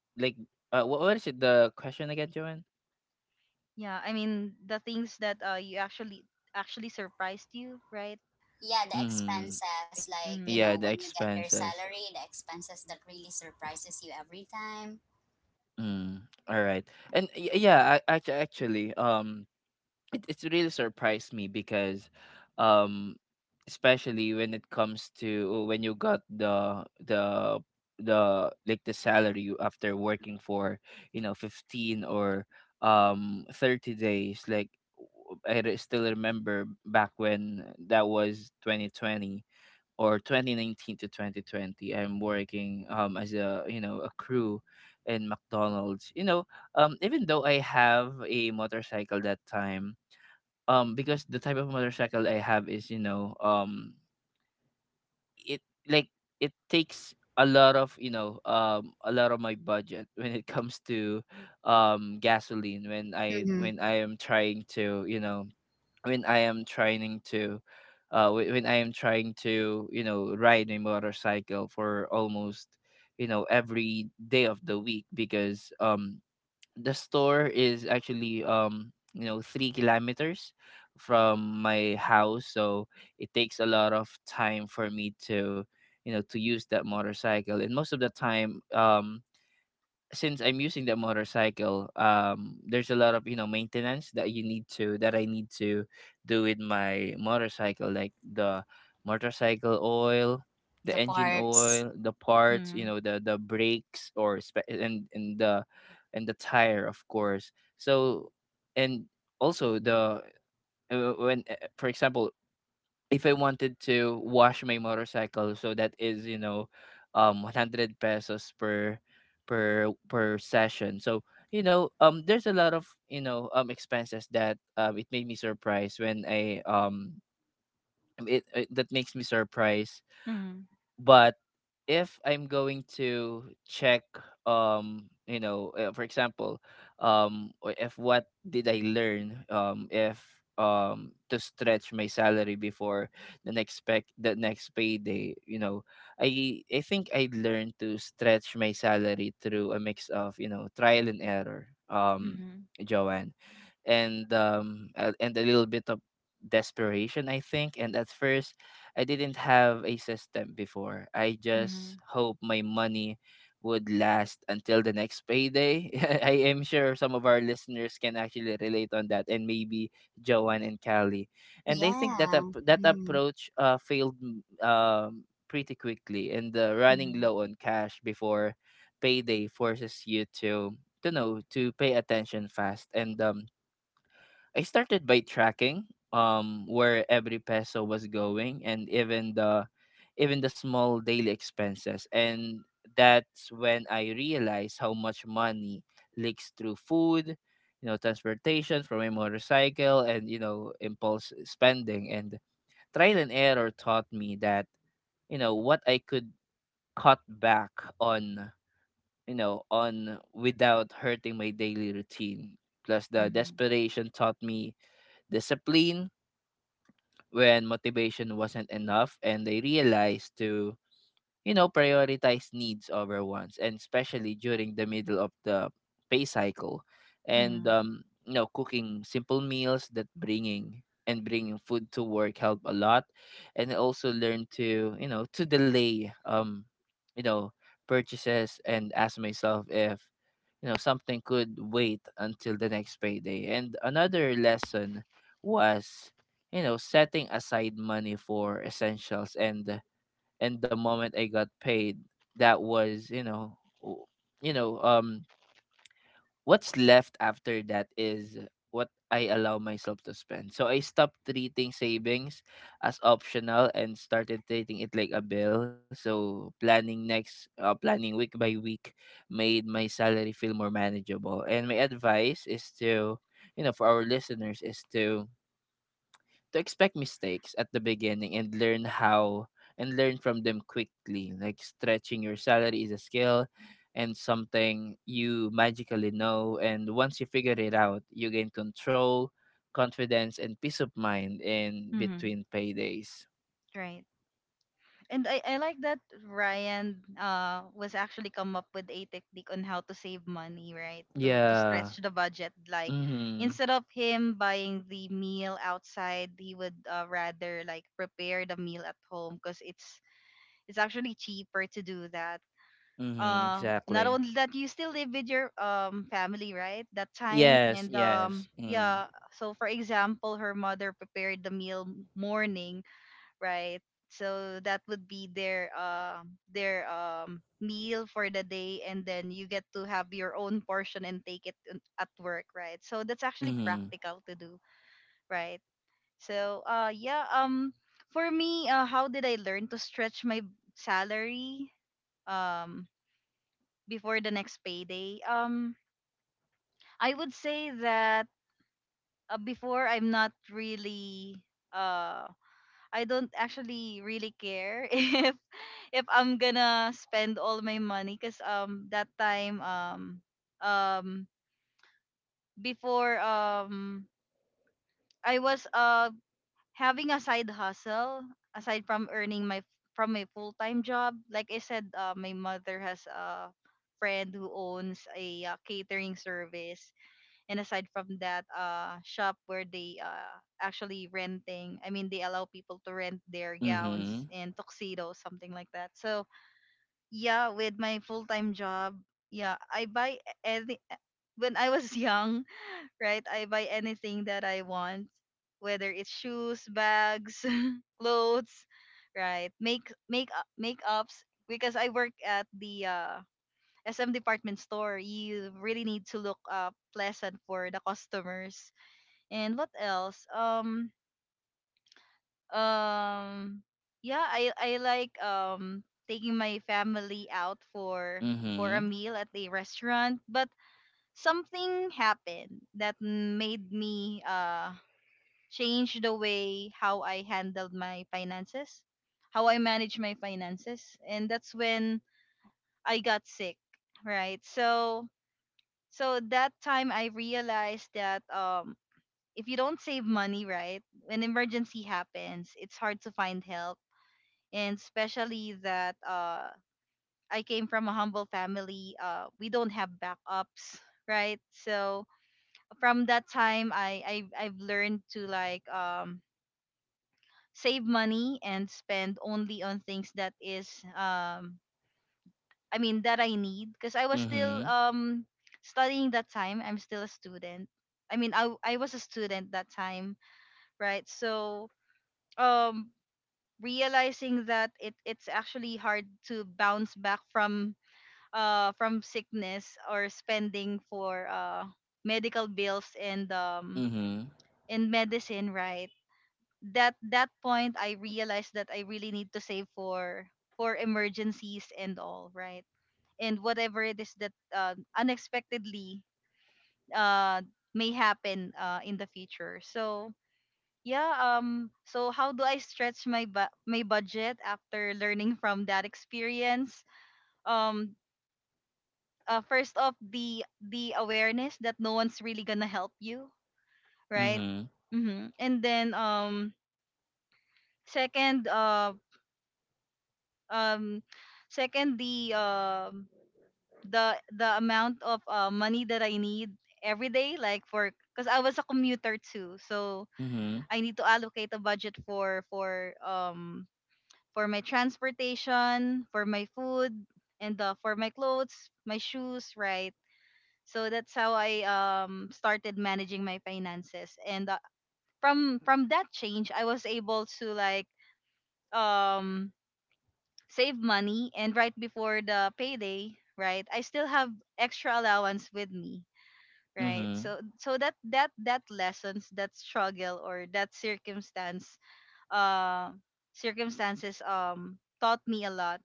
like, what is it? The question again, Joanne? Yeah, I mean the things that you actually surprised you, right? Yeah, the Mm. expenses, like, you Mm-hmm. know, Yeah, the when you get your expenses. salary, the expenses that really surprises you every time. Mm. All right. And yeah, actually, actually, it, it's really surprised me because um especially when it comes to when you got the like the salary after working for, 15 or 30 days. Like, still remember back when that was 2020, or 2019 to 2020. I'm working as a, a crew in McDonald's, even though I have a motorcycle that time. Because the type of motorcycle I have is, it like it takes a lot of, a lot of my budget when it comes to gasoline when I, Hmm. when I am trying to you know when I am trying to whe- when I am trying to, ride a motorcycle for almost, every day of the week, because the store is actually, 3 kilometers from my house. So it takes a lot of time for me to, to use that motorcycle. And most of the time, since I'm using that motorcycle, there's a lot of, maintenance that you need to that I need to do with my motorcycle, like the motorcycle oil, the The engine parts. oil, the parts, you know, the brakes or and the tire, of course. So, and also the, when for example, if I wanted to wash my motorcycle, so that is, you know, 100 pesos per per session. So, you know, there's a lot of, expenses that, it made me surprised when I, it that makes me surprised. Mm-hmm. But if I'm going to check, for example, or if what did I learn, if to stretch my salary before the next payday, you know, I think I learned to stretch my salary through a mix of, trial and error, Mm-hmm. Joanne, and a little bit of desperation, I think. And at first, I didn't have a system before. I Mm-hmm. just hope my money would last until the next payday. I am sure some of our listeners can actually relate on that, and maybe Joanne and Callie. And I think that Yeah. That Mm-hmm. approach failed pretty quickly. And running Mm-hmm. low on cash before payday forces you to know to pay attention fast. And I started by tracking where every peso was going, and even the, even the small daily expenses. And that's when I realized how much money leaks through food, you know, transportation from a motorcycle, and, you know, impulse spending. And trial and error taught me that, you know, what I could cut back on, you know, on without hurting my daily routine. Plus the Mm-hmm. desperation taught me discipline when motivation wasn't enough. And they realized to, you know, prioritize needs over wants, and especially during the middle of the pay cycle. And Mm-hmm. You know, cooking simple meals, that bringing and bringing food to work help a lot. And I also learn to, you know, to delay, you know, purchases and ask myself if, you know, something could wait until the next payday. And another lesson was, you know, setting aside money for essentials. And the moment I got paid, that was, you know, um, what's left after that is what I allow myself to spend. So I stopped treating savings as optional and started treating it like a bill. So planning week by week, made my salary feel more manageable. And my advice is to, you know, for our listeners, is to expect mistakes at the beginning and learn how and learn from them quickly. Like stretching your salary is a skill and something you magically know. And once you figure it out, you gain control, confidence, and peace of mind in Mm-hmm. between paydays. Right. And I like that Ryan was actually come up with a technique on how to save money, right? To Yeah. stretch the budget. Like Mm-hmm. instead of him buying the meal outside, he would rather like prepare the meal at home because it's actually cheaper to do that. Mm-hmm. Not Exactly. only that, you still live with your family, right? That time Yes, and yes. Mm. yeah. So for example, her mother prepared the meal morning, right? So that would be their meal for the day, and then you get to have your own portion and take it in- at work, right? So that's actually Mm-hmm. practical to do, right? So yeah for me how did I learn to stretch my salary um before the next payday I would say that before I'm not really um I don't actually really care if I'm gonna spend all my money because that time um before I was having a side hustle aside from earning my from my full time job. Like I said, my mother has a friend who owns a catering service and aside from that shop where they actually renting, I mean they allow people to rent their gowns Mm-hmm. and tuxedos, something like that. So yeah, with my full-time job, yeah I buy any when I was young right, I buy anything that I want, whether it's shoes, bags, clothes, right. Make makeups because I work at the SM department store, you really need to look pleasant for the customers. And what else? Um, yeah, I like taking my family out for a meal at a restaurant, but something happened that made me change the way how I handled my finances, how I manage my finances, and that's when I got sick, right? So so that time I realized that if you don't save money, right, when emergency happens, it's hard to find help. And especially that I came from a humble family, we don't have backups, right? So from that time I've learned to like save money and spend only on things that is um, I mean that I need, because I was still Mm-hmm. Studying that time. I'm still a student. I mean I was a student that time, right? So um realizing that it's actually hard to bounce back from sickness or spending for medical bills Mm-hmm. Mm-hmm. and medicine, right? That that point I realized that I really need to save for emergencies and all, right? And whatever it is that unexpectedly uh, may happen in the future. So yeah, so how do I stretch my bu- my budget after learning from that experience? Um, first off, the awareness that no one's really gonna help you, right? Mm-hmm. Mm-hmm. And then second, um, second the amount of money that I need every day, like for, because I was a commuter too, so Mm-hmm. I need to allocate a budget for my transportation, for my food, and for my clothes, my shoes, right? So that's how I started managing my finances, and from that change I was able to like um save money, and right before the payday, right, I still have extra allowance with me, right. Hmm. So so that that that lessons, that struggle or that circumstance uh circumstances taught me a lot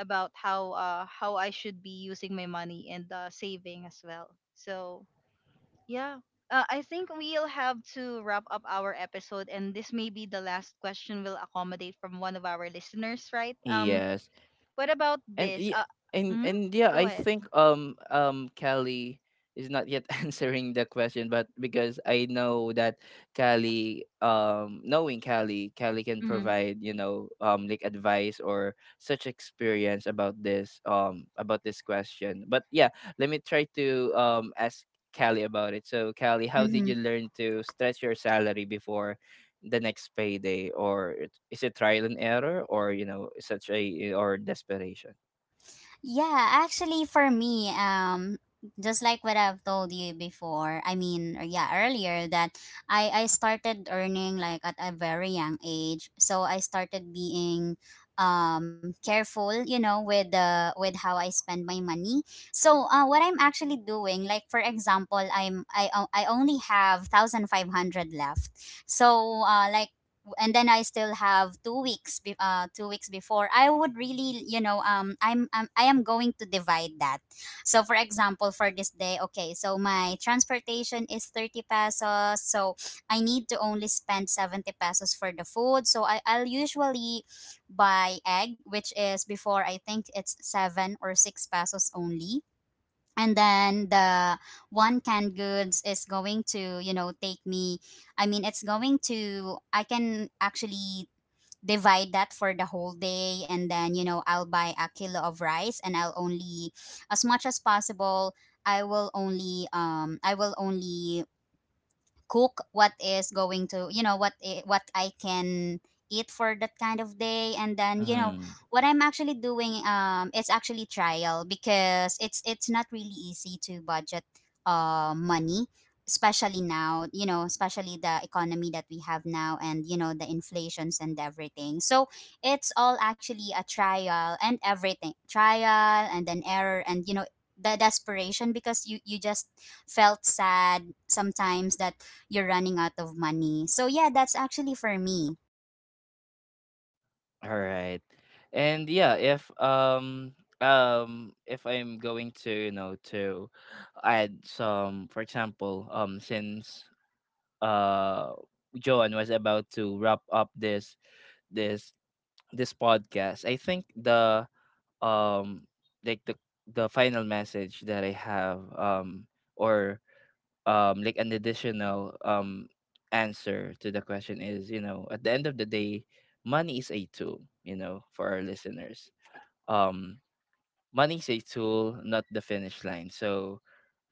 about how I should be using my money and saving as well. So yeah, I think we'll have to wrap up our episode, and this may be the last question we'll accommodate from one of our listeners, right? Um Yes. what about and yeah, this and and mhm, yeah, I go think ahead. Callie is not yet answering the question, but because I know that Callie, knowing Callie, Callie can Mm-hmm. provide, you know, like advice or such experience about this, about this question. But yeah, let me try to ask Callie about it. So Callie, how did you learn to stretch your salary before the next payday? Or is it trial and error, or, you know, such a, or desperation? Yeah, actually for me, just like what I've told you before, I mean, or yeah, earlier, that I started earning like at a very young age. So I started being careful, you know, with the, with how I spend my money. So what I'm actually doing, like for example, I only have 1,500 left. So like, and then I still have 2 weeks before. I would really, you know, I am going to divide that. So, for example, for this day, okay, so my transportation is 30 pesos. So, I need to only spend 70 pesos for the food. So, I'll usually buy egg, which is before I think it's seven or six pesos only. And then the one canned goods is going to, you know, take me, I mean, it's going to, I can actually divide that for the whole day. And then, you know, I'll buy a kilo of rice. And I'll only, as much as possible, I will only I will only cook what is going to, you know, what what I can eat for that kind of day. And then, you know, Mhm. what I'm actually doing, it's actually trial because it's not really easy to budget money, especially now, you know, especially the economy that we have now, and you know, the inflations and everything. So it's all actually a trial and everything, trial and then error, and you know, the desperation, because you just felt sad sometimes that you're running out of money. So yeah, that's actually for me. All right. And yeah, if I'm going to, you know, to add some, for example, since uh Joan was about to wrap up this this this podcast, I think the, um like the final message that I have, or like an additional answer to the question is, you know, at the end of the day, money is a tool. You know, for our listeners, um money is a tool, not the finish line. So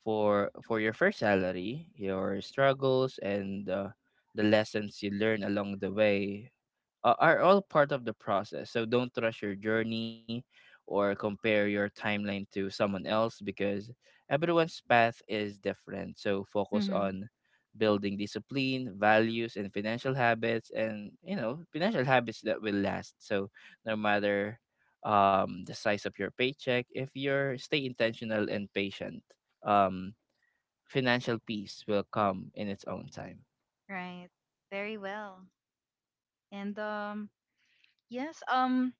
for your first salary, your struggles, and the lessons you learn along the way, are all part of the process. So don't rush your journey or compare your timeline to someone else, because everyone's path is different. So focus Mm-hmm. on building discipline, values, and financial habits, and, you know, financial habits that will last. So no matter, the size of your paycheck, if you're stay intentional and patient, um, financial peace will come in its own time. Right. Very well. And yes.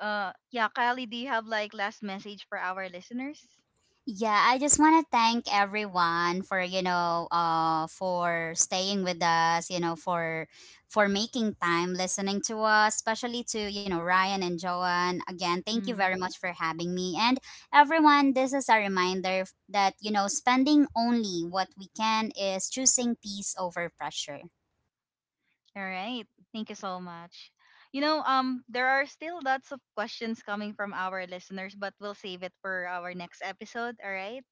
Yeah, Kylie, do you have like last message for our listeners? Yeah, I just want to thank everyone for, you know, for staying with us, you know, for making time listening to us, especially to, you know, Ryan and Joanne. Again, thank you very Mm. much for having me. And everyone, this is a reminder that, you know, spending only what we can is choosing peace over pressure. All right. Thank you so much. You know, there are still lots of questions coming from our listeners, but we'll save it for our next episode. All right.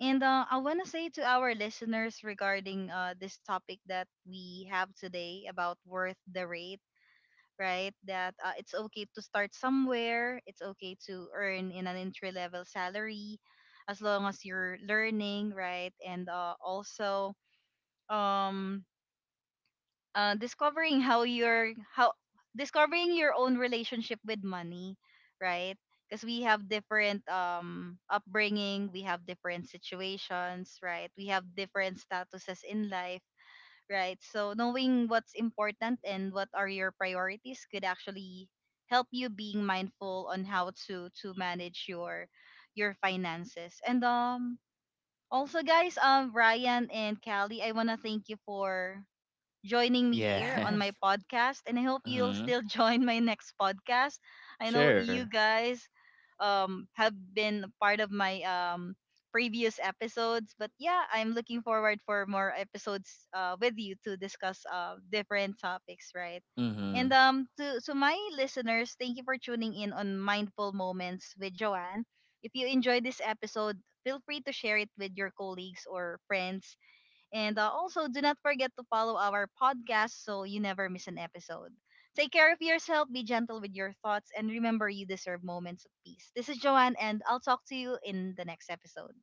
And I want to say to our listeners regarding this topic that we have today about worth the rate, right? That it's okay to start somewhere. It's okay to earn in an entry level salary as long as you're learning, right? And also um discovering how your how discovering your own relationship with money, right? Because we have different upbringing, we have different situations, right? We have different statuses in life, right? So knowing what's important and what are your priorities could actually help you being mindful on how to manage your finances. And also guys, Ryan and Callie, I want to thank you for joining me here on my Yes. podcast. And I hope you'll Mm-hmm. still join my next podcast. I know you Sure. guys have been a part of my previous episodes. But yeah, I'm looking forward for more episodes with you to discuss different topics, right? And Mm-hmm. To my listeners, thank you for tuning in on Mindful Moments with Joanne. If you enjoyed this episode, feel free to share it with your colleagues or friends, and also, do not forget to follow our podcast so you never miss an episode. Take care of yourself, be gentle with your thoughts, and remember you deserve moments of peace. This is Joanne, and I'll talk to you in the next episode.